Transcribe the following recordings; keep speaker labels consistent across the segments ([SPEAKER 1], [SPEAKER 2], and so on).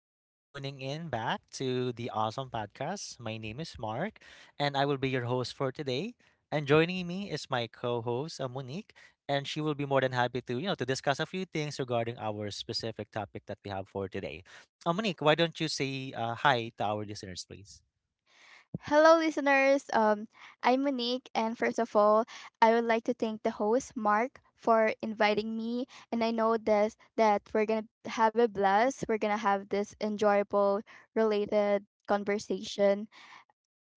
[SPEAKER 1] you for tuning in back to the awesome podcast. My name is Mark, and I will be your host for today. And joining me is my co-host, Monique, and she will be more than happy to, to discuss a few things regarding our specific topic that we have for today. Monique, why don't you say hi to our listeners, please?
[SPEAKER 2] Hello, listeners. I'm Monique, and first of all, I would like to thank the host, Mark, for inviting me. And I know this that we're gonna have a blast. We're gonna have this enjoyable, related conversation.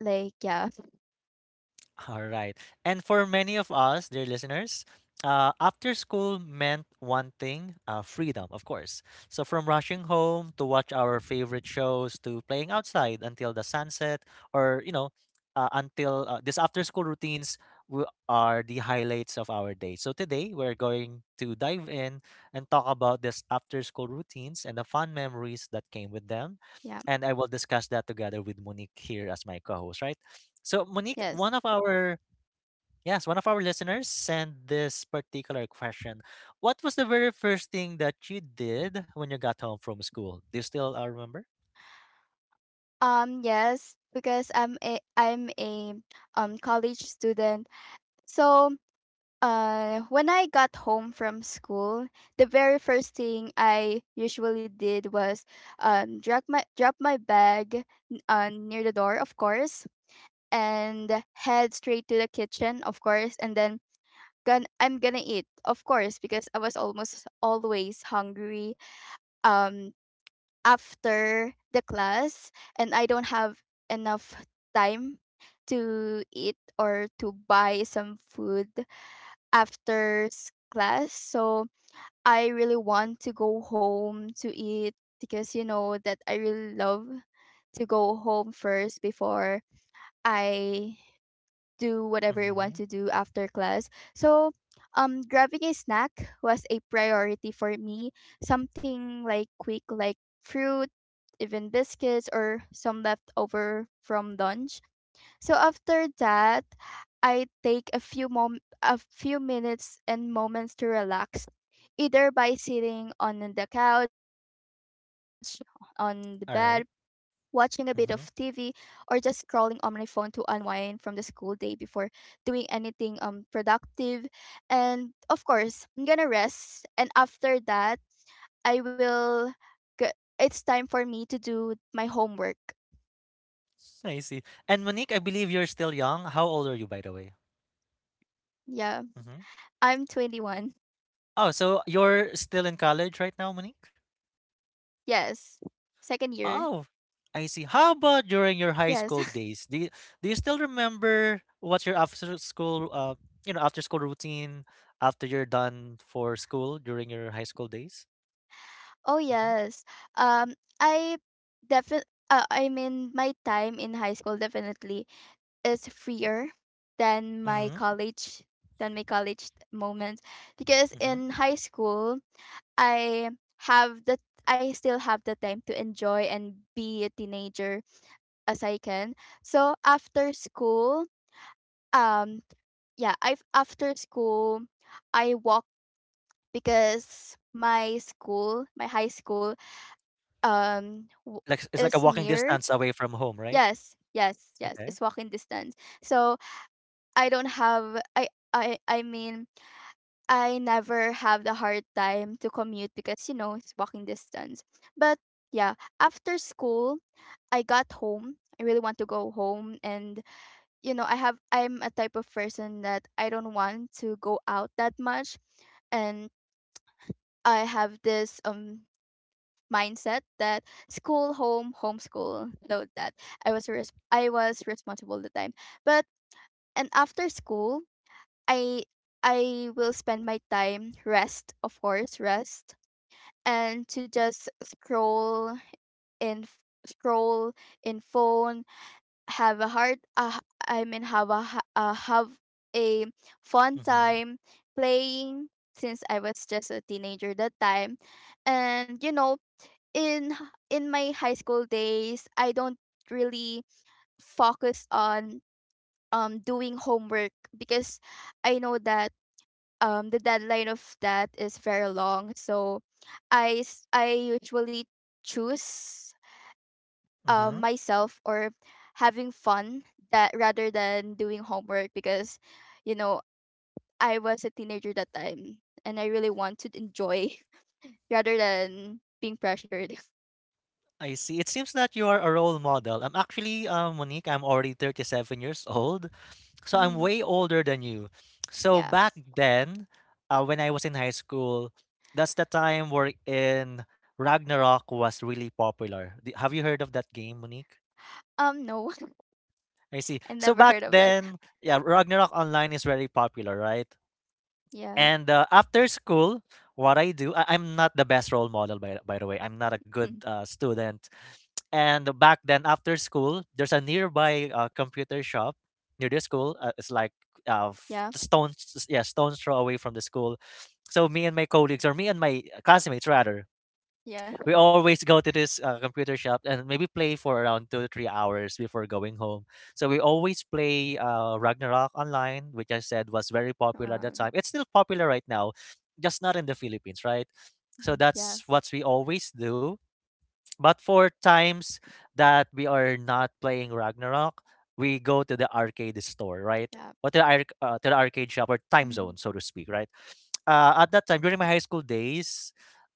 [SPEAKER 2] Like, yeah,
[SPEAKER 1] All right. And for many of us, dear listeners, after school meant one thing, freedom, of course. So from rushing home to watch our favorite shows to playing outside until the sunset, or, until this after school routines are the highlights of our day. So today we're going to dive in and talk about this after school routines and the fun memories that came with them.
[SPEAKER 2] yeah,
[SPEAKER 1] And I will discuss that together with Monique here as my co host, right? So, Monique,
[SPEAKER 2] yes,
[SPEAKER 1] one of our yes, one of our listeners sent this particular question. What was the very first thing that you did when you got home from school? Do you still remember?
[SPEAKER 2] yes, because I'm a college student, so uh, when I got home from school, the very first thing I usually did was drop my bag near the door, of course, and head straight to the kitchen, of course, and then I'm gonna eat, of course, because I was almost always hungry. Um, After the class, and I don't have enough time to eat or to buy some food after class. So I really want to go home to eat because you know that I really love to go home first before I do whatever I want
[SPEAKER 1] Mm-hmm.
[SPEAKER 2] to do after class. So grabbing a snack was a priority for me. Something like quick like fruit, even biscuits or some leftover from lunch. So after that, I take a few minutes and moments to relax, either by sitting on the couch, on the bed,
[SPEAKER 1] All
[SPEAKER 2] watching a
[SPEAKER 1] right.
[SPEAKER 2] bit of TV, or
[SPEAKER 1] Mm-hmm.
[SPEAKER 2] just scrolling on my phone to unwind from the school day before doing anything productive. And of course, I'm gonna rest. And after that, I will. It's time for me to do my homework.
[SPEAKER 1] I see. And Monique, I believe you're still young. How old are you, by the way?
[SPEAKER 2] Yeah,
[SPEAKER 1] Mm-hmm.
[SPEAKER 2] I'm 21.
[SPEAKER 1] Oh, so you're still in college right now, Monique?
[SPEAKER 2] Yes. Second year.
[SPEAKER 1] Oh, I see. How about during your high
[SPEAKER 2] Yes.
[SPEAKER 1] school days? Do you still remember what's your after school you know after school routine after you're done for school during your high school days?
[SPEAKER 2] Oh,
[SPEAKER 1] Mm-hmm.
[SPEAKER 2] yes. Um I I mean my time in high school definitely is freer than my
[SPEAKER 1] Mm-hmm.
[SPEAKER 2] college than my college moments because
[SPEAKER 1] Mm-hmm.
[SPEAKER 2] in high school I have the I still have the time to enjoy and be a teenager as I can. So after school, um yeah, I after school I walk because my school, my high school, um, w-
[SPEAKER 1] Like it's like a
[SPEAKER 2] is
[SPEAKER 1] walking
[SPEAKER 2] near.
[SPEAKER 1] distance away from home, right?
[SPEAKER 2] Yes, yes, yes.
[SPEAKER 1] Okay.
[SPEAKER 2] It's walking distance. So I don't have. I mean, I never have the hard time to commute because you know it's walking distance. But yeah, after school, I got home. I really want to go home and you know, I'm a type of person that I don't want to go out that much and I have this mindset that school, home, homeschool, load that. I was responsible at the time. But And after school, I I will spend my time rest, of course, rest and to just scroll in f- scroll in phone, have a hard I mean have a ha- have a fun
[SPEAKER 1] Mm-hmm.
[SPEAKER 2] time playing since I was just a teenager that time. And you know, in my high school days, I don't really focus on doing homework because I know that the deadline of that is very long. So I usually choose
[SPEAKER 1] Mm-hmm.
[SPEAKER 2] myself or having fun that rather than doing homework because you know I was a teenager that time and I really want to enjoy rather than being pressured.
[SPEAKER 1] I see. It seems that you are a role model. I'm actually, um, Monique, I'm already 37 years old. So I'm
[SPEAKER 2] Hmm.
[SPEAKER 1] way older than you. So
[SPEAKER 2] Yeah.
[SPEAKER 1] back then, when I was in high school, that's the time where in Ragnarok was really popular. Have you heard of that game, Monique?
[SPEAKER 2] No.
[SPEAKER 1] I see.
[SPEAKER 2] I
[SPEAKER 1] So
[SPEAKER 2] never
[SPEAKER 1] back
[SPEAKER 2] heard of that.
[SPEAKER 1] then, yeah, Ragnarok Online is very popular, right?
[SPEAKER 2] Yeah.
[SPEAKER 1] And after school, what I do, I'm not the best role model, by the way. I'm not a good
[SPEAKER 2] Mm.
[SPEAKER 1] student. And back then, after school, there's a nearby computer shop near the school. It's like
[SPEAKER 2] Yeah.
[SPEAKER 1] stones, yeah, stones throw away from the school. So me and my colleagues, or me and my classmates rather,
[SPEAKER 2] Yeah.
[SPEAKER 1] we always go to this computer shop and maybe play for around 2 to 3 hours before going home. So we always play Ragnarok online, which I said was very popular at that
[SPEAKER 2] Um.
[SPEAKER 1] time. It's still popular right now, just not in the Philippines, right? So
[SPEAKER 2] Mm, yeah.
[SPEAKER 1] that's what we always do, but for times that we are not playing Ragnarok, we go to the arcade store, right?
[SPEAKER 2] Yeah.
[SPEAKER 1] Or to to the arcade shop or time
[SPEAKER 2] Mm.
[SPEAKER 1] zone, so to speak, right? At that time, during my high school days,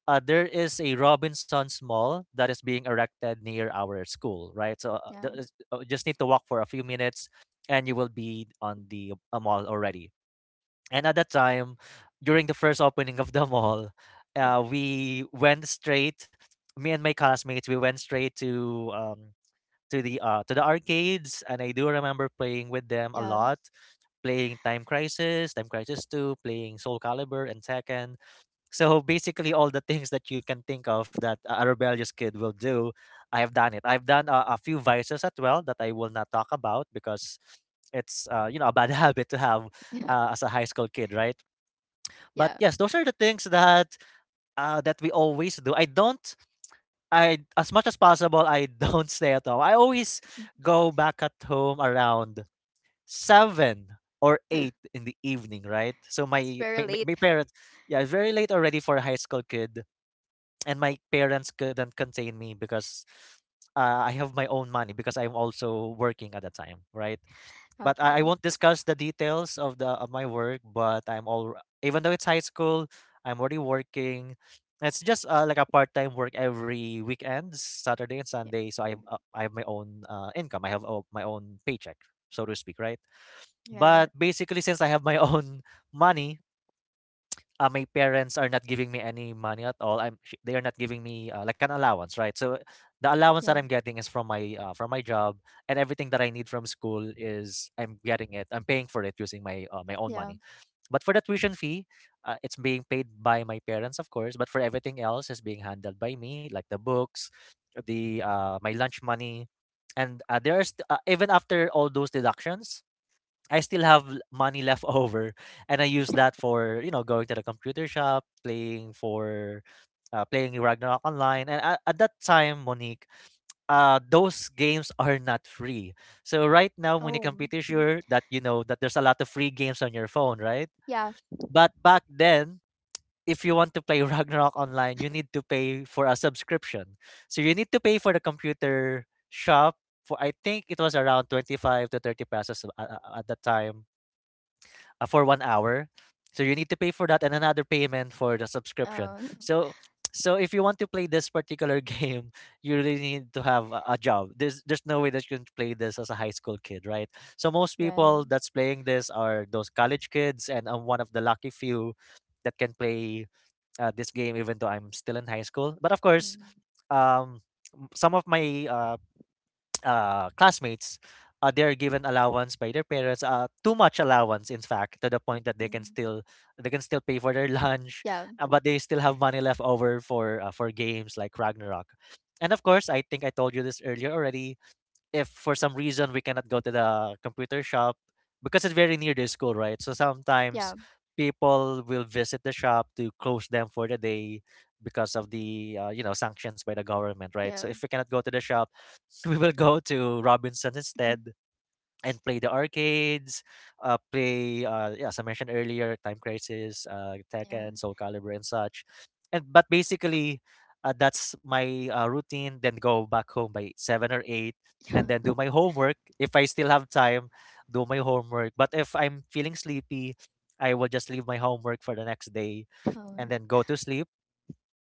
[SPEAKER 1] there is a Robinson's Mall that is being erected near our school, right? So
[SPEAKER 2] Yeah.
[SPEAKER 1] just need to walk for a few minutes and you will be on the mall already. And at that time, during the first opening of the mall, we went straight. Me and my classmates, we went straight to the arcades, and I do remember playing with them a
[SPEAKER 2] Yeah.
[SPEAKER 1] lot, playing Time Crisis, Time Crisis Two, playing Soul Calibur and Tekken. So basically, all the things that you can think of that a rebellious kid will do, I have done it. I've done a few vices as well that I will not talk about because it's, you know, a bad habit to have
[SPEAKER 2] Yeah.
[SPEAKER 1] as a high school kid, right? But
[SPEAKER 2] Yeah.
[SPEAKER 1] yes, those are the things that that we always do. I don't. I, as much as possible, I don't stay at home. I always
[SPEAKER 2] Mm.
[SPEAKER 1] go back at home around seven or eight in the evening, right? So my
[SPEAKER 2] It's very
[SPEAKER 1] my, my
[SPEAKER 2] late.
[SPEAKER 1] my parents, yeah, it's very late already for a high school kid, and my parents couldn't contain me because I have my own money because I'm also working at the time, right? But I
[SPEAKER 2] Okay.
[SPEAKER 1] won't discuss the details of the of my work, but I'm all, even though it's high school, I'm already working. It's just like a part-time work every weekend, Saturday and
[SPEAKER 2] Yeah.
[SPEAKER 1] Sunday. So I
[SPEAKER 2] Mm,
[SPEAKER 1] have, I have my own income. I have my own paycheck, so to speak, right? But
[SPEAKER 2] right.
[SPEAKER 1] basically, since I have my own money, my parents are not giving me any money at all. They are not giving me like an allowance, right? So the allowance that
[SPEAKER 2] Yeah.
[SPEAKER 1] I'm getting is from my, from my job, and everything that I need from school is I'm getting it. I'm paying for it using my, my own
[SPEAKER 2] Yeah.
[SPEAKER 1] money. But for the tuition fee, it's being paid by my parents, of course. But for everything else, is being handled by me, like the books, the my lunch money, and there's even after all those deductions, I still have money left over, and I use that for, you know, going to the computer shop, playing for, playing Ragnarok online. And at that time, Monique, those games are not free. So right now, Monique,
[SPEAKER 2] Oh.
[SPEAKER 1] I'm pretty
[SPEAKER 2] Mm,
[SPEAKER 1] sure that you know that there's a lot of free games on your phone, right?
[SPEAKER 2] yeah.
[SPEAKER 1] But back then, if you want to play Ragnarok online, you need to pay for a subscription. So you need to pay for the computer shop. For I think it was around 25 to 30 pesos at that time, for 1 hour. So you need to pay for that and another payment for the subscription.
[SPEAKER 2] Uh.
[SPEAKER 1] So if you want to play this particular game, you really need to have a job. There's no way that you can play this as a high school kid, right? So most
[SPEAKER 2] Right.
[SPEAKER 1] people that's playing this are those college kids, and I'm one of the lucky few that can play this game even though I'm still in high school. But of course,
[SPEAKER 2] Mm,
[SPEAKER 1] um, some of my, classmates, they're given allowance by their parents, too much allowance, in fact, to the point that
[SPEAKER 2] mm.
[SPEAKER 1] they can still pay for their lunch,
[SPEAKER 2] Yeah.
[SPEAKER 1] but they still have money left over for, for games like Ragnarok. And of course, I think I told you this earlier already, if for some reason we cannot go to the computer shop because it's very near the school, right? So sometimes
[SPEAKER 2] Yeah.
[SPEAKER 1] people will visit the shop to close them for the day because of the, you know, sanctions by the government, right? So
[SPEAKER 2] Yeah.
[SPEAKER 1] if we cannot go to the shop, we will go to Robinson's
[SPEAKER 2] Mhm.
[SPEAKER 1] instead, and play the arcades, play yeah, as I mentioned earlier, Time Crisis,
[SPEAKER 2] Yeah.
[SPEAKER 1] Tekken, Soul Calibur, and such. And but basically, that's my routine. Then go back home by seven or eight,
[SPEAKER 2] Yeah.
[SPEAKER 1] and then do my homework if I still have time. Do my homework. But if I'm feeling sleepy, I will just leave my homework for the next day and
[SPEAKER 2] Oh,
[SPEAKER 1] then go to sleep.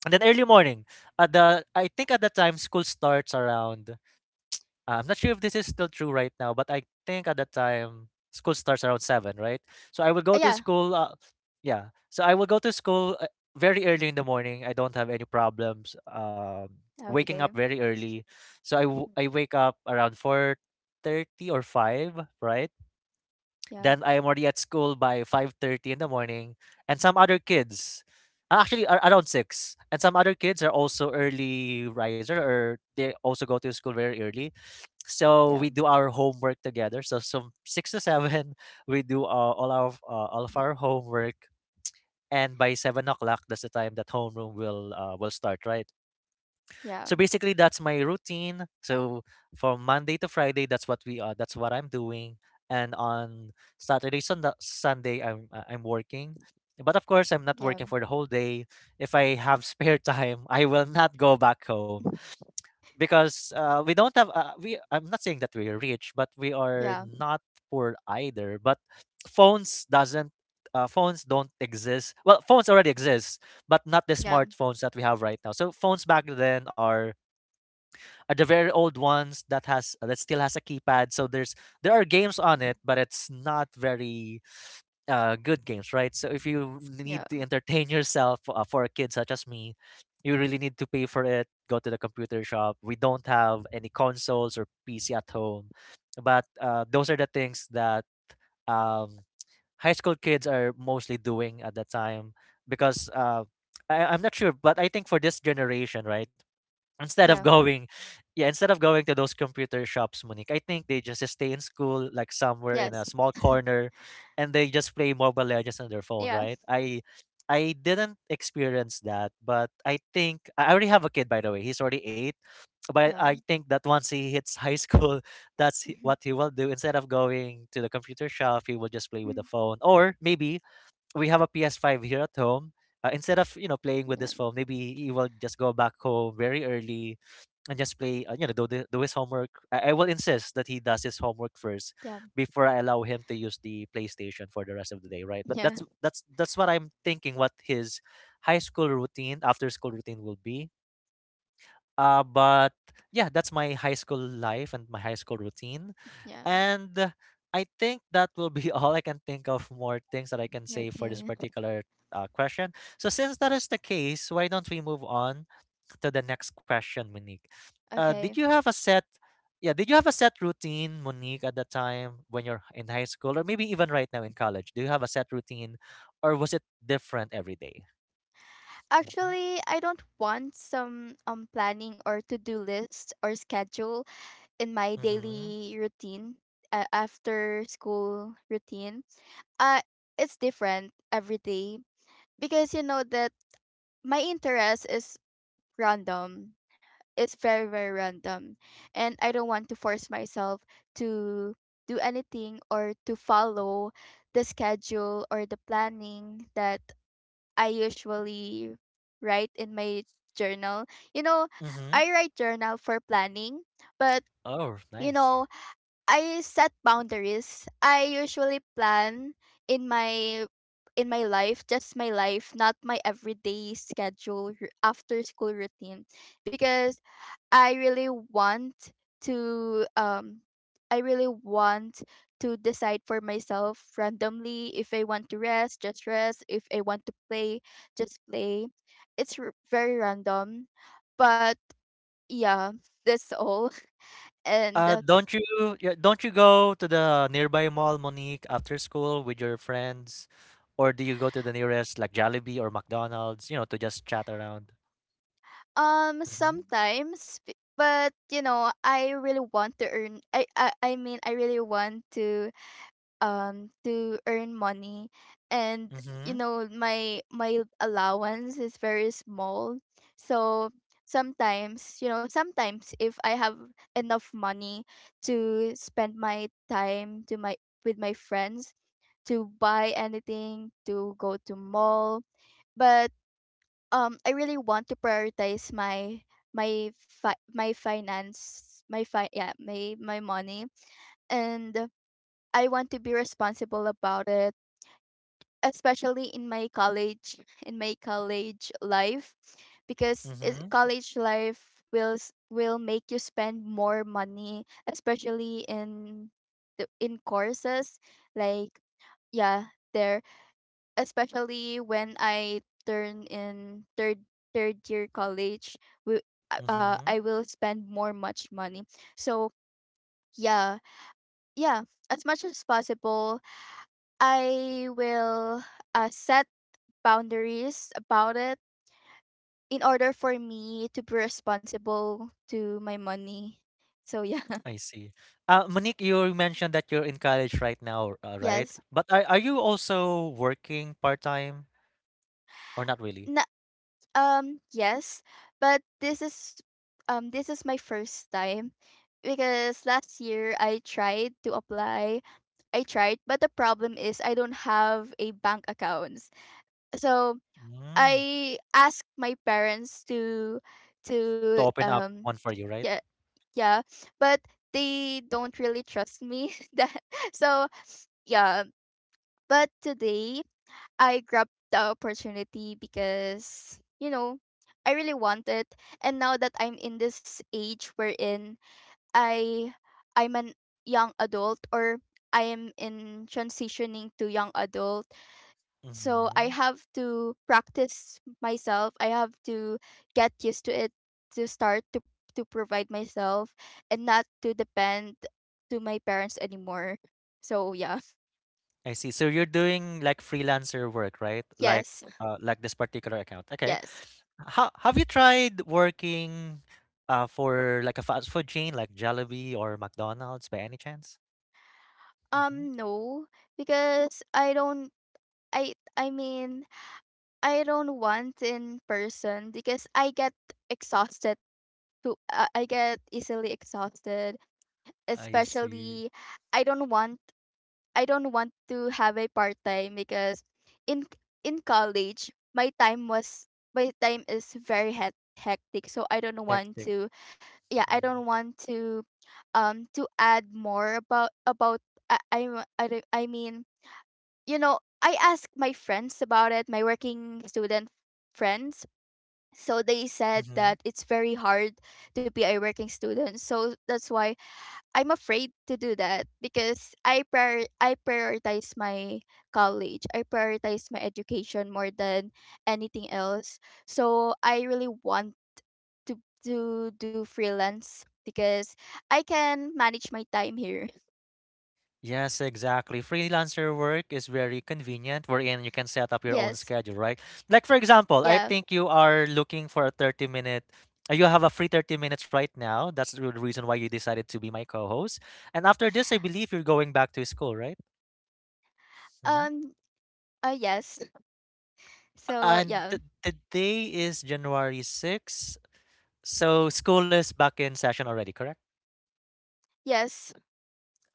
[SPEAKER 1] And then early morning, at the I think at the time school starts around, I'm not sure if this is still true right now, but I think at that time school starts around seven, right? So I will go to
[SPEAKER 2] yeah.
[SPEAKER 1] school. Yeah, so I will go to school, very early in the morning. I don't have any problems waking
[SPEAKER 2] Okay.
[SPEAKER 1] up very early. So
[SPEAKER 2] Mm,
[SPEAKER 1] I wake up around 4:30 or five, right?
[SPEAKER 2] yeah.
[SPEAKER 1] Then I am already at school by 5:30 in the morning, and some other kids. Actually, around 6, and some other kids are also early riser, or they also go to school very early, so
[SPEAKER 2] Yeah.
[SPEAKER 1] we do our homework together, so some 6 to 7 we do all of our homework, and by 7 o'clock, that's the time that homeroom will start, right? So
[SPEAKER 2] Yeah.
[SPEAKER 1] basically, that's my routine. So from Monday to Friday, that's what we that's what I'm doing. And on Saturday, Sunday, I'm working, but of course I'm not working
[SPEAKER 2] Yeah.
[SPEAKER 1] for the whole day. If I have spare time, I will not go back home, because we don't have we I'm not saying that we're rich, but we are
[SPEAKER 2] Yeah.
[SPEAKER 1] not poor either, but phones doesn't phones don't exist. Well, phones already exist, but not the
[SPEAKER 2] Yeah.
[SPEAKER 1] smartphones that we have right now. So phones back then are the very old ones that has that still has a keypad, so there are games on it, but it's not very good games, right? So if you
[SPEAKER 2] Yeah.
[SPEAKER 1] need to entertain yourself, for a kid such as me, you really need to pay for it. Go to the computer shop. We don't have any consoles or PC at home, but those are the things that um, high school kids are mostly doing at that time, because I'm not sure, but I think for this generation, right? Instead of
[SPEAKER 2] Yeah.
[SPEAKER 1] going yeah, instead of going to those computer shops, Monique, I think they just stay in school, like somewhere in a
[SPEAKER 2] Yes.
[SPEAKER 1] small corner, and they just play Mobile Legends on their phone,
[SPEAKER 2] Yeah.
[SPEAKER 1] right? I didn't experience that, but I think, I already have a kid, by the way, he's already 8, but
[SPEAKER 2] Yeah.
[SPEAKER 1] I think that once he hits high school, what he will do. Instead of going to the computer shop, he will just play with the phone, or maybe we have a PS5 here at home. Instead of, playing with
[SPEAKER 2] Yeah.
[SPEAKER 1] this phone, maybe he will just go back home very early and just play you know do, the, do his homework. I will insist that he does his homework first before I allow him to use the PlayStation for the rest of the day, right? But
[SPEAKER 2] Yeah.
[SPEAKER 1] that's what I'm thinking, what his high school routine after school routine will be. But Yeah, that's my high school life and my high school routine.
[SPEAKER 2] Yeah.
[SPEAKER 1] And I think that will be all I can think of. More things that I can
[SPEAKER 2] Yeah.
[SPEAKER 1] say for this
[SPEAKER 2] Okay.
[SPEAKER 1] particular question. So since that is the case, why don't we move on to the next question, Monique. Did
[SPEAKER 2] Okay.
[SPEAKER 1] you have a set? Yeah, did you have a set routine, Monique, at the time when you're in high school, or maybe even right now in college? Do you have a set routine, or was it different every day?
[SPEAKER 2] Actually, I don't want some planning or to-do list or schedule in my
[SPEAKER 1] Mm-hmm.
[SPEAKER 2] daily routine, after school routine. Uh it's different every day because you know that my interest is random. It's very random and I don't want to force myself to do anything or to follow the schedule or the planning that I usually write in my journal. You know,
[SPEAKER 1] Mm-hmm.
[SPEAKER 2] I write journal for planning, but
[SPEAKER 1] Oh,
[SPEAKER 2] you
[SPEAKER 1] nice.
[SPEAKER 2] know, I set boundaries. I usually plan in my in my life, just my life, not my everyday schedule after school routine because I really want to I really want decide for myself randomly if I want to rest, just rest, if I want to play, just play. Very random. But yeah, that's all. And
[SPEAKER 1] Don't you Yeah, don't you go to the nearby mall, Monique, after school with your friends, or do you go to the nearest, like Jollibee or McDonald's, you know, to just chat around? Mm-hmm.
[SPEAKER 2] sometimes but you know, I really want to earn money and you
[SPEAKER 1] Mm-hmm.
[SPEAKER 2] know my allowance is very small so sometimes you know sometimes if I have enough money to spend my time to my with my friends to buy anything to go to mall, but I really want to prioritize my my fi- my finance my fi- yeah my money and I want to be responsible about it, especially in my college, in my college life, because is
[SPEAKER 1] Mm-hmm.
[SPEAKER 2] college life will will make you spend more money, especially in the in courses like yeah there especially when I turn in third year college. we, I will spend more much money so yeah yeah, as much as possible, I will set boundaries about it in order for me to be responsible to my money. So yeah.
[SPEAKER 1] I see. Monique, you mentioned that you're in college right now, right?
[SPEAKER 2] Yes.
[SPEAKER 1] But are you also working part time, or not really?
[SPEAKER 2] Na- yes, but this is my first time because last year I tried to apply. I tried, but the problem is I don't have a bank accounts. So
[SPEAKER 1] Mm,
[SPEAKER 2] I asked my parents to to
[SPEAKER 1] to open up
[SPEAKER 2] um
[SPEAKER 1] one for you, right?
[SPEAKER 2] yeah. Yeah, but they don't really trust me that, so yeah. But today I grabbed the opportunity because you know I really want it, and now that I'm in this age wherein i I'm an young adult, or I am in transitioning to young adult, so I
[SPEAKER 1] Mm-hmm.
[SPEAKER 2] have to practice myself. I have to get used to it to start to provide myself and not to depend to my parents anymore. So yeah.
[SPEAKER 1] I see. So you're doing like freelancer work, right?
[SPEAKER 2] Yes.
[SPEAKER 1] Like this particular account. Okay.
[SPEAKER 2] Yes.
[SPEAKER 1] How have you tried working, for like a fast food chain like Jollibee or McDonald's by any chance?
[SPEAKER 2] Um,
[SPEAKER 1] Mm-hmm.
[SPEAKER 2] no, because I mean I don't want in person because I get exhausted too. Uh, I get easily exhausted,
[SPEAKER 1] I see.
[SPEAKER 2] especially I don't want I don't want to have a part time because in in college my time is hectic, so I don't want
[SPEAKER 1] Hectic.
[SPEAKER 2] to, yeah, I don't want to add more about I wa- I, don't- I mean you know, I asked my friends about it, my working student friends, so they said
[SPEAKER 1] Mm-hmm.
[SPEAKER 2] that it's very hard to be a working student, so that's why I'm afraid to do that because I prioritize my college. I prioritize my education more than anything else. So I really want to do freelance because I can manage my time here.
[SPEAKER 1] Yes, exactly. Freelancer work is very convenient, wherein you can set up your own
[SPEAKER 2] Yes.
[SPEAKER 1] schedule, right? Like, for example, I
[SPEAKER 2] Yeah.
[SPEAKER 1] think you are looking for a 30 minute, you have a free 30 minutes right now. That's the reason why you decided to be my co-host. And after this, I believe you're going back to school, right? Hmm.
[SPEAKER 2] Um yes. So
[SPEAKER 1] And
[SPEAKER 2] yeah.
[SPEAKER 1] the day is January 6th. So school is back in session already, correct?
[SPEAKER 2] Yes.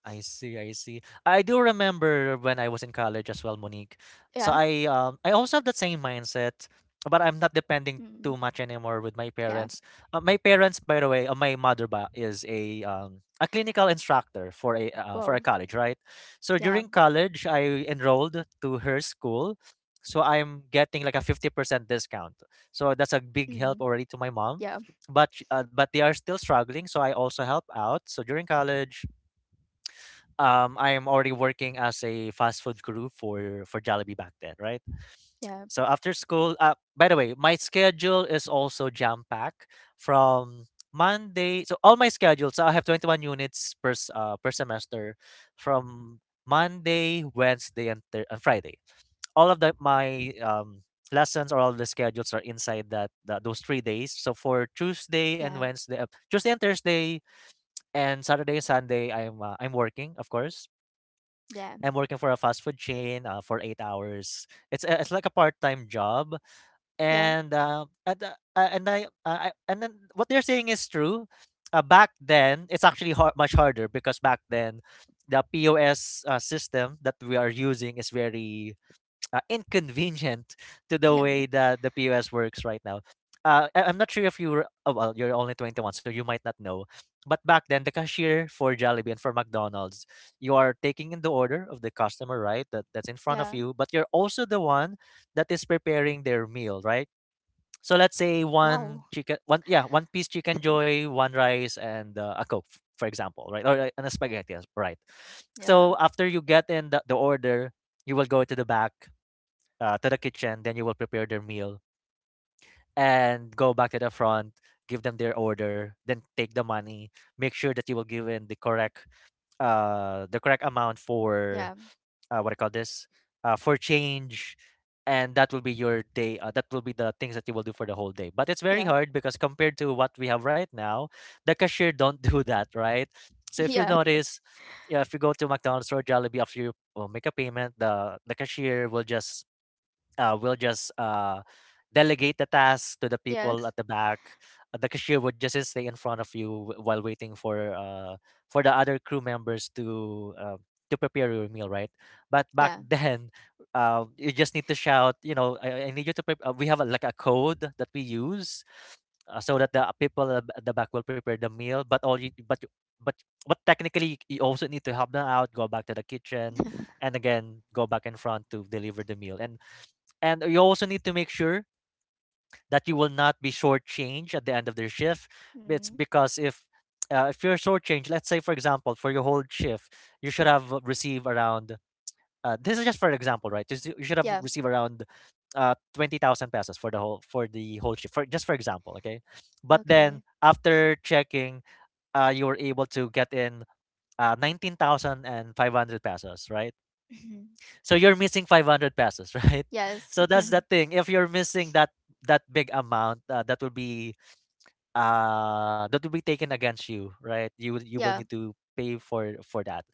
[SPEAKER 1] I see, I see. I do remember when I was in college as well, Monique. So
[SPEAKER 2] Yeah.
[SPEAKER 1] I also have that same mindset, but I'm not depending
[SPEAKER 2] Mm,
[SPEAKER 1] too much anymore with my
[SPEAKER 2] yeah.
[SPEAKER 1] parents. My parents, by the way, my mother ba is a clinical instructor for a
[SPEAKER 2] Whoa.
[SPEAKER 1] college, right? So
[SPEAKER 2] Yeah.
[SPEAKER 1] during college, I enrolled to her school. So I'm getting like a 50% discount. So that's a big
[SPEAKER 2] Mm,
[SPEAKER 1] help already to my mom.
[SPEAKER 2] yeah.
[SPEAKER 1] But they are still struggling, so I also help out. So during college, I am already working as a fast food crew for Jollibee back then, right?
[SPEAKER 2] Yeah.
[SPEAKER 1] So after school, by the way, my schedule is also jam packed from Monday. So all my schedules, so I have 21 units per semester from Monday, Wednesday, and Friday. All of the my lessons, or all the schedules, are inside that, that those 3 days. So for
[SPEAKER 2] Yeah.
[SPEAKER 1] Tuesday and Thursday, and Saturday and Sunday, I'm working, of course.
[SPEAKER 2] Yeah.
[SPEAKER 1] I'm working for a fast food chain, for 8 hours. It's like a part time job,
[SPEAKER 2] Yeah.
[SPEAKER 1] and I and then what they're saying is true. Back then, it's actually har much harder, because back then, the POS system that we are using is very inconvenient to the
[SPEAKER 2] Yeah.
[SPEAKER 1] way that the POS works right now. I'm not sure if you were, oh, well, you're only 21, so you might not know. But back then, the cashier for Jollibee and for McDonald's, you are taking in the order of the customer, right? That's in front of
[SPEAKER 2] Yeah.
[SPEAKER 1] you, but you're also the one that is preparing their meal, right? So let's say one
[SPEAKER 2] Wow.
[SPEAKER 1] chicken, one yeah, one piece chicken joy, one rice, and a coke, for example, right? Or And a spaghetti, yes, right?
[SPEAKER 2] Yeah.
[SPEAKER 1] So after you get in the order, you will go to the back, to the kitchen, then you will prepare their meal and go back to the front, give them their order, then take the money. Make sure that you will give in the correct amount for,
[SPEAKER 2] Yeah.
[SPEAKER 1] what I call this for change, and that will be the things that you will do for the whole day. But it's very
[SPEAKER 2] Yeah.
[SPEAKER 1] hard, because compared to what we have right now, the cashier don't do that, right? So if you
[SPEAKER 2] Yeah,
[SPEAKER 1] notice, yeah, if you go to McDonald's or Jollibee, after you make a payment, the cashier will just delegate the task to the
[SPEAKER 2] yeah,
[SPEAKER 1] people at the back. The cashier will just stay in front of you while waiting for the other crew members to prepare your meal, right? But back
[SPEAKER 2] yeah,
[SPEAKER 1] then, you just need to shout, I need you to prep. We have like a code that we use so that the people at the back will prepare the meal. But all you- but but technically, you also need to help them out, go back to the kitchen, and again go back in front to deliver the meal. And you also need to make sure that you will not be shortchanged at the end of their shift. It's
[SPEAKER 2] mm,
[SPEAKER 1] because if you're shortchanged, let's say for example, for your whole shift, you should have received around, this is just for example, right? You should have
[SPEAKER 2] yeah.
[SPEAKER 1] received around, 20,000 pesos for the whole shift. For just for example, okay. But then
[SPEAKER 2] Okay.
[SPEAKER 1] after checking, you were able to get in, 19,500 pesos, right?
[SPEAKER 2] Mhm.
[SPEAKER 1] So you're missing 500 pesos, right?
[SPEAKER 2] Yes.
[SPEAKER 1] So that's the thing. If you're missing that big amount, that will be taken against you, right? You will you will
[SPEAKER 2] Yeah,
[SPEAKER 1] need to pay for that.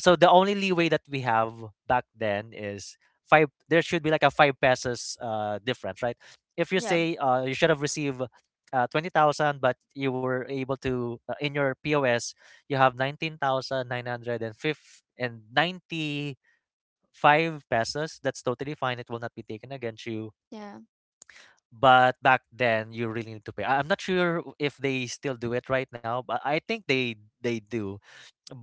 [SPEAKER 1] So the only leeway that we have back then is five. There should be like a 5 pesos difference, right? If you
[SPEAKER 2] yeah,
[SPEAKER 1] say you should have received 20,000, but you were able to, in your POS you have 19,900 and ninety 5 pesos, that's totally fine. It will not be taken against you.
[SPEAKER 2] yeah,
[SPEAKER 1] But back then, you really need to pay. I'm not sure if they still do it right now, but I think they do.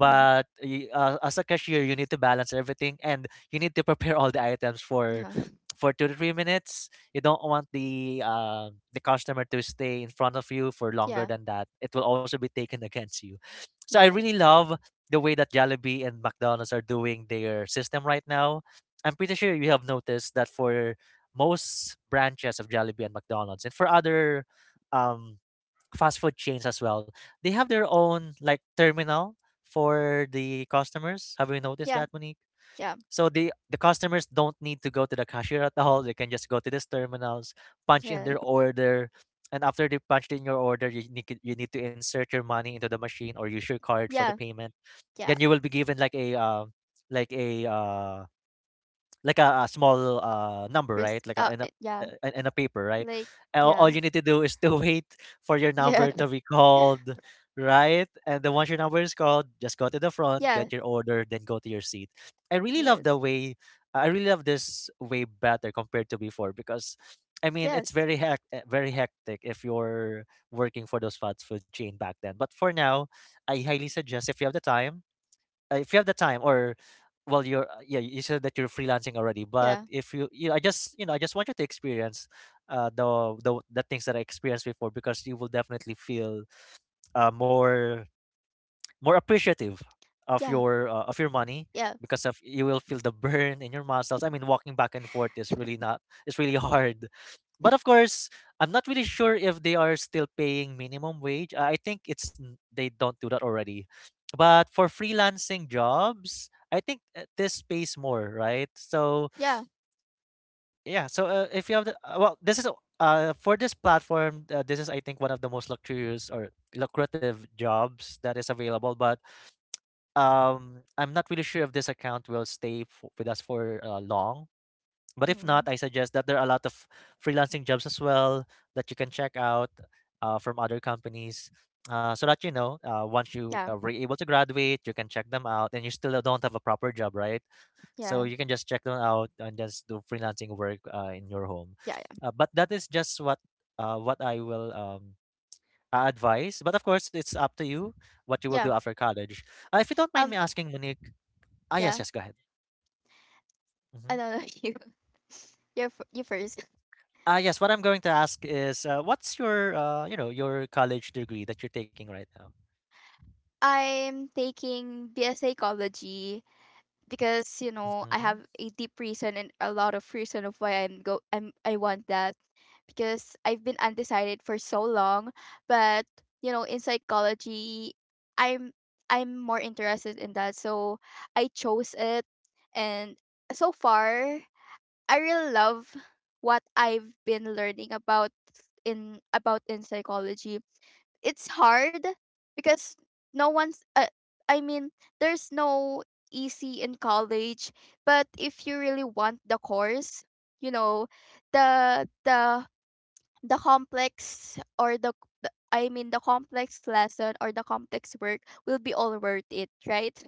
[SPEAKER 2] mhm,
[SPEAKER 1] y- uh, As a cashier, you need to balance everything, and you need to prepare all the items for
[SPEAKER 2] yeah,
[SPEAKER 1] for 2 to 3 minutes. You don't want the customer to stay in front of you for longer
[SPEAKER 2] yeah,
[SPEAKER 1] than that. It will also be taken against you. So I really love the way that Jollibee and McDonald's are doing their system right now. I'm pretty sure you have noticed that, for most branches of Jollibee and McDonald's and for other um fast food chains as well, they have their own like terminal for the customers. Have you noticed
[SPEAKER 2] yeah,
[SPEAKER 1] that, Monique?
[SPEAKER 2] yeah,
[SPEAKER 1] So the customers don't need to go to the cashier at all. They can just go to these terminals, punch in
[SPEAKER 2] yeah,
[SPEAKER 1] their
[SPEAKER 2] yeah,
[SPEAKER 1] order, and after they punched in your order, you need to insert your money into the machine or use your card for the
[SPEAKER 2] yeah,
[SPEAKER 1] payment.
[SPEAKER 2] yeah.
[SPEAKER 1] Then you will be given like a uh, like a small number, right?
[SPEAKER 2] Yeah,
[SPEAKER 1] In a paper, right?
[SPEAKER 2] like,
[SPEAKER 1] And all
[SPEAKER 2] yeah,
[SPEAKER 1] you need to do is to wait for your
[SPEAKER 2] yeah,
[SPEAKER 1] number to be called, right? And then once your number is called, just go to the front,
[SPEAKER 2] yeah,
[SPEAKER 1] get your order, then go to your seat. I really love the
[SPEAKER 2] yes,
[SPEAKER 1] way. I really love this way better compared to before because, I mean, it's
[SPEAKER 2] yes,
[SPEAKER 1] very hectic if you're working for those fast food chain back then. But for now, I highly suggest if you have the time, if you have the time or well you're yeah, you said that you're freelancing already. But
[SPEAKER 2] yeah,
[SPEAKER 1] if you, you, I just want you to experience the, the things that I experienced before, because you will definitely feel more more appreciative
[SPEAKER 2] yeah,
[SPEAKER 1] of your money,
[SPEAKER 2] yeah,
[SPEAKER 1] because of you will feel the burn in your muscles. I mean, walking back and forth is really not it's really hard. But of course, I'm not really sure if they are still paying minimum wage. I think they don't do that already. But for freelancing jobs, I think this pays more, right? So
[SPEAKER 2] yeah,
[SPEAKER 1] yeah, so if you have the well, for this platform, this is, I think, one of the most luxurious or lucrative jobs that is available. But I'm not really sure if this account will stay with us for long, but if not,
[SPEAKER 2] mm,
[SPEAKER 1] I suggest that there are a lot of freelancing jobs as well that you can check out from other companies, so that you know once you
[SPEAKER 2] yeah,
[SPEAKER 1] were able to graduate, you can check them out. And you still don't have a proper job, right? So
[SPEAKER 2] yeah,
[SPEAKER 1] you can just check them out and just do freelancing work in your home.
[SPEAKER 2] yeah, yeah,
[SPEAKER 1] But that is just what I will advise. But of course, it's up to you what you will do
[SPEAKER 2] yeah.
[SPEAKER 1] after college. If you don't mind me
[SPEAKER 2] Um,
[SPEAKER 1] asking, Monique, Ah, yes,
[SPEAKER 2] yeah.
[SPEAKER 1] yes, go ahead.
[SPEAKER 2] I
[SPEAKER 1] Hmm.
[SPEAKER 2] don't know you. You're you first.
[SPEAKER 1] Ah, yes, what I'm going to ask is what's your, you know, your college degree that you're taking right now?
[SPEAKER 2] I'm taking BS Ecology because you know I
[SPEAKER 1] Hmm.
[SPEAKER 2] have a deep reason and a lot of reason of why I want that because I've been undecided for so long, but you know in psychology I'm I'm more interested in that, so I chose it, and so far I really love what I've been learning about in psychology. It's hard because no one's I mean there's no easy in college, but if you really want the course, you know the the the complex or the, the complex lesson or the complex work will be all worth it, right?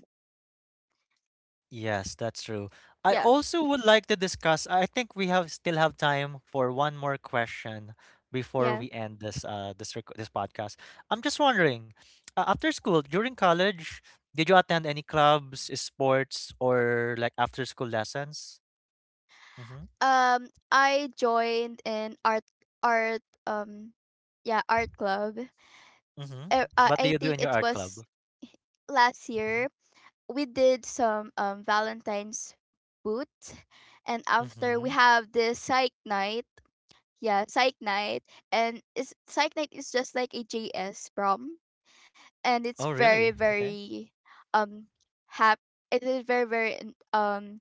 [SPEAKER 1] Yes, that's true. I
[SPEAKER 2] Yeah,
[SPEAKER 1] also would like to discuss, I think we have still have time for one more question before
[SPEAKER 2] yeah.
[SPEAKER 1] we end this this rec this podcast. I'm just wondering, after school, during college, did you attend any clubs, sports, or like after school lessons? Hmm.
[SPEAKER 2] I joined an art art yeah, art club.
[SPEAKER 1] Hmm. What do
[SPEAKER 2] I
[SPEAKER 1] you do
[SPEAKER 2] think
[SPEAKER 1] in your
[SPEAKER 2] it
[SPEAKER 1] art club?
[SPEAKER 2] was last
[SPEAKER 1] Hmm.
[SPEAKER 2] year. We did some Valentine's boot, and after
[SPEAKER 1] Hmm.
[SPEAKER 2] we have the psych night. Yeah, psych night, and it's, psych night is just like a JS prom, and it's
[SPEAKER 1] Oh,
[SPEAKER 2] very
[SPEAKER 1] really? Okay.
[SPEAKER 2] very um hap. It is very um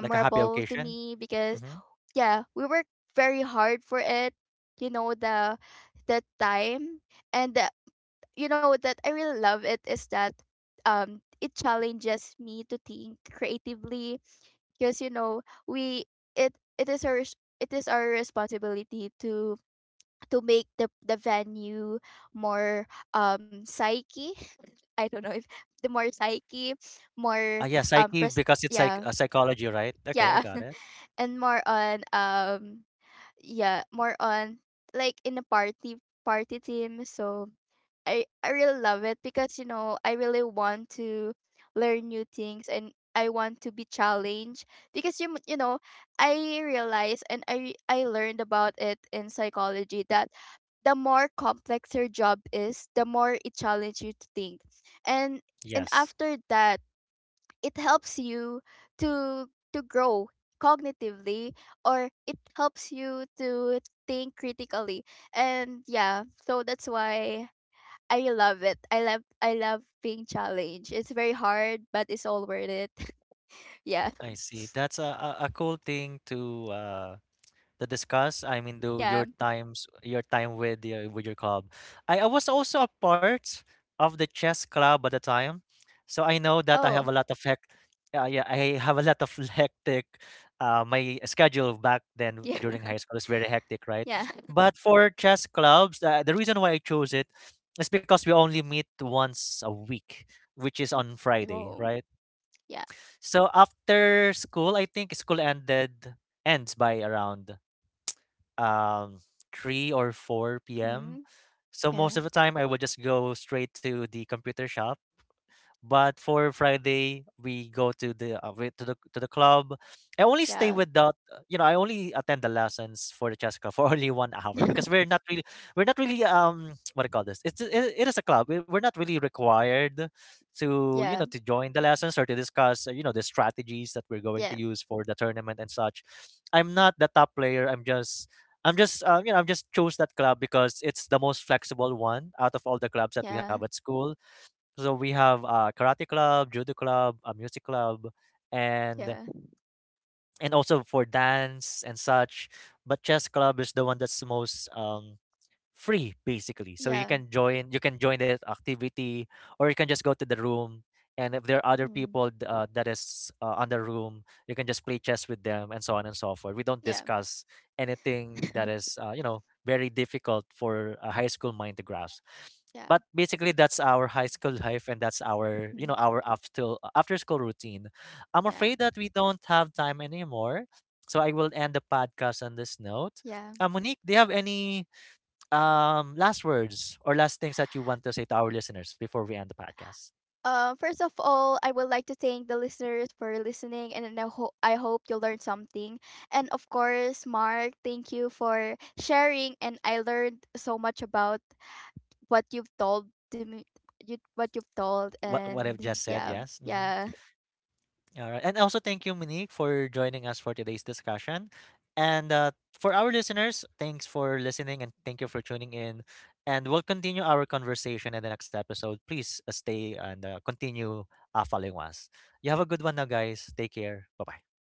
[SPEAKER 1] Like a happy
[SPEAKER 2] to
[SPEAKER 1] occasion?
[SPEAKER 2] me because
[SPEAKER 1] Mm-hmm.
[SPEAKER 2] yeah, we worked very hard for it. You know, the time and the you know that I really love it is that it challenges me to think creatively because you know we it is it is our responsibility to make the venue more psyche. I don't know if the more psyche
[SPEAKER 1] Ah,
[SPEAKER 2] more
[SPEAKER 1] yeah, psyche,
[SPEAKER 2] pres-
[SPEAKER 1] because it's like
[SPEAKER 2] yeah,
[SPEAKER 1] psychology, right? Okay, I
[SPEAKER 2] yeah.
[SPEAKER 1] got it.
[SPEAKER 2] And more on yeah, more on like in a party party team, so I really love it because you know I really want to learn new things and I want to be challenged because you know, I realized and I learned about it in psychology that the more complex your job is, the more it challenges you to think, and and
[SPEAKER 1] Yes,
[SPEAKER 2] after that it helps you to to grow cognitively, or it helps you to think critically. And yeah, so that's why I love it. I love being challenged. It's very hard, but it's all worth it. Yeah.
[SPEAKER 1] I see. That's a cool thing to The discuss. I mean, do your
[SPEAKER 2] Yeah.
[SPEAKER 1] times, your time with your club. I was also a part of the chess club at the time, so I know that I
[SPEAKER 2] Oh.
[SPEAKER 1] have a lot of hec. Yeah, yeah, I have a lot of hectic. My schedule back then
[SPEAKER 2] Yeah.
[SPEAKER 1] during high school is very hectic, right?
[SPEAKER 2] Yeah.
[SPEAKER 1] But for chess clubs, the reason why I chose it is because we only meet once a week, which is on Friday,
[SPEAKER 2] Oh.
[SPEAKER 1] right?
[SPEAKER 2] Yeah.
[SPEAKER 1] So after school, I think school ended ends by around um 3 or 4 p.m.
[SPEAKER 2] Mm.
[SPEAKER 1] So most of
[SPEAKER 2] Yeah.
[SPEAKER 1] the time I would just go straight to the computer shop, but for Friday, we go to the to the to the club. I only stay
[SPEAKER 2] Yeah.
[SPEAKER 1] without, you know, I only attend the lessons for the chess club for only 1 hour, because we're not really what do you call this? It, it is a club. We're not really required to, you
[SPEAKER 2] Yeah.
[SPEAKER 1] know, to join the lessons or to discuss, you know, the strategies that we're going to
[SPEAKER 2] Yeah.
[SPEAKER 1] use for the tournament and such. I'm not the top player. I'm just you know, I'm just chose that club because it's the most flexible one out of all the clubs that we have
[SPEAKER 2] Yeah.
[SPEAKER 1] at school. So we have a karate club, judo club, a music club, and
[SPEAKER 2] Yeah.
[SPEAKER 1] also for dance and such. But chess club is the one that's most free, basically. So
[SPEAKER 2] Yeah.
[SPEAKER 1] you can join that activity, or you can just go to the room, and if there are other
[SPEAKER 2] Mm.
[SPEAKER 1] people that is on the room, you can just play chess with them and so on and so forth. We don't
[SPEAKER 2] Yeah.
[SPEAKER 1] discuss anything that is you know, very difficult for a high school mind to grasp.
[SPEAKER 2] Yeah.
[SPEAKER 1] But basically that's our high school life, and that's our, you
[SPEAKER 2] Mm.
[SPEAKER 1] know, our after school routine. I'm
[SPEAKER 2] Yeah.
[SPEAKER 1] afraid that we don't have time anymore. So I will end the podcast on this note.
[SPEAKER 2] Yeah.
[SPEAKER 1] Monique, do you have any last words or last things that you want to say to our listeners before we end the podcast?
[SPEAKER 2] First of all, I would like to thank the listeners for listening, and then I, I hope you learned something. And of course, Mark, thank you for sharing, and I learned so much about what you've told to me you what you've told
[SPEAKER 1] What I've
[SPEAKER 2] and
[SPEAKER 1] just said.
[SPEAKER 2] yeah,
[SPEAKER 1] Yes. Mm-hmm.
[SPEAKER 2] yeah.
[SPEAKER 1] All right. And also thank you, Monique, for joining us for today's discussion. And for our listeners, thanks for listening, and thank you for tuning in. And we'll continue our conversation in the next episode. Please stay and continue following us. You have a good one now, guys. Take care. Bye bye.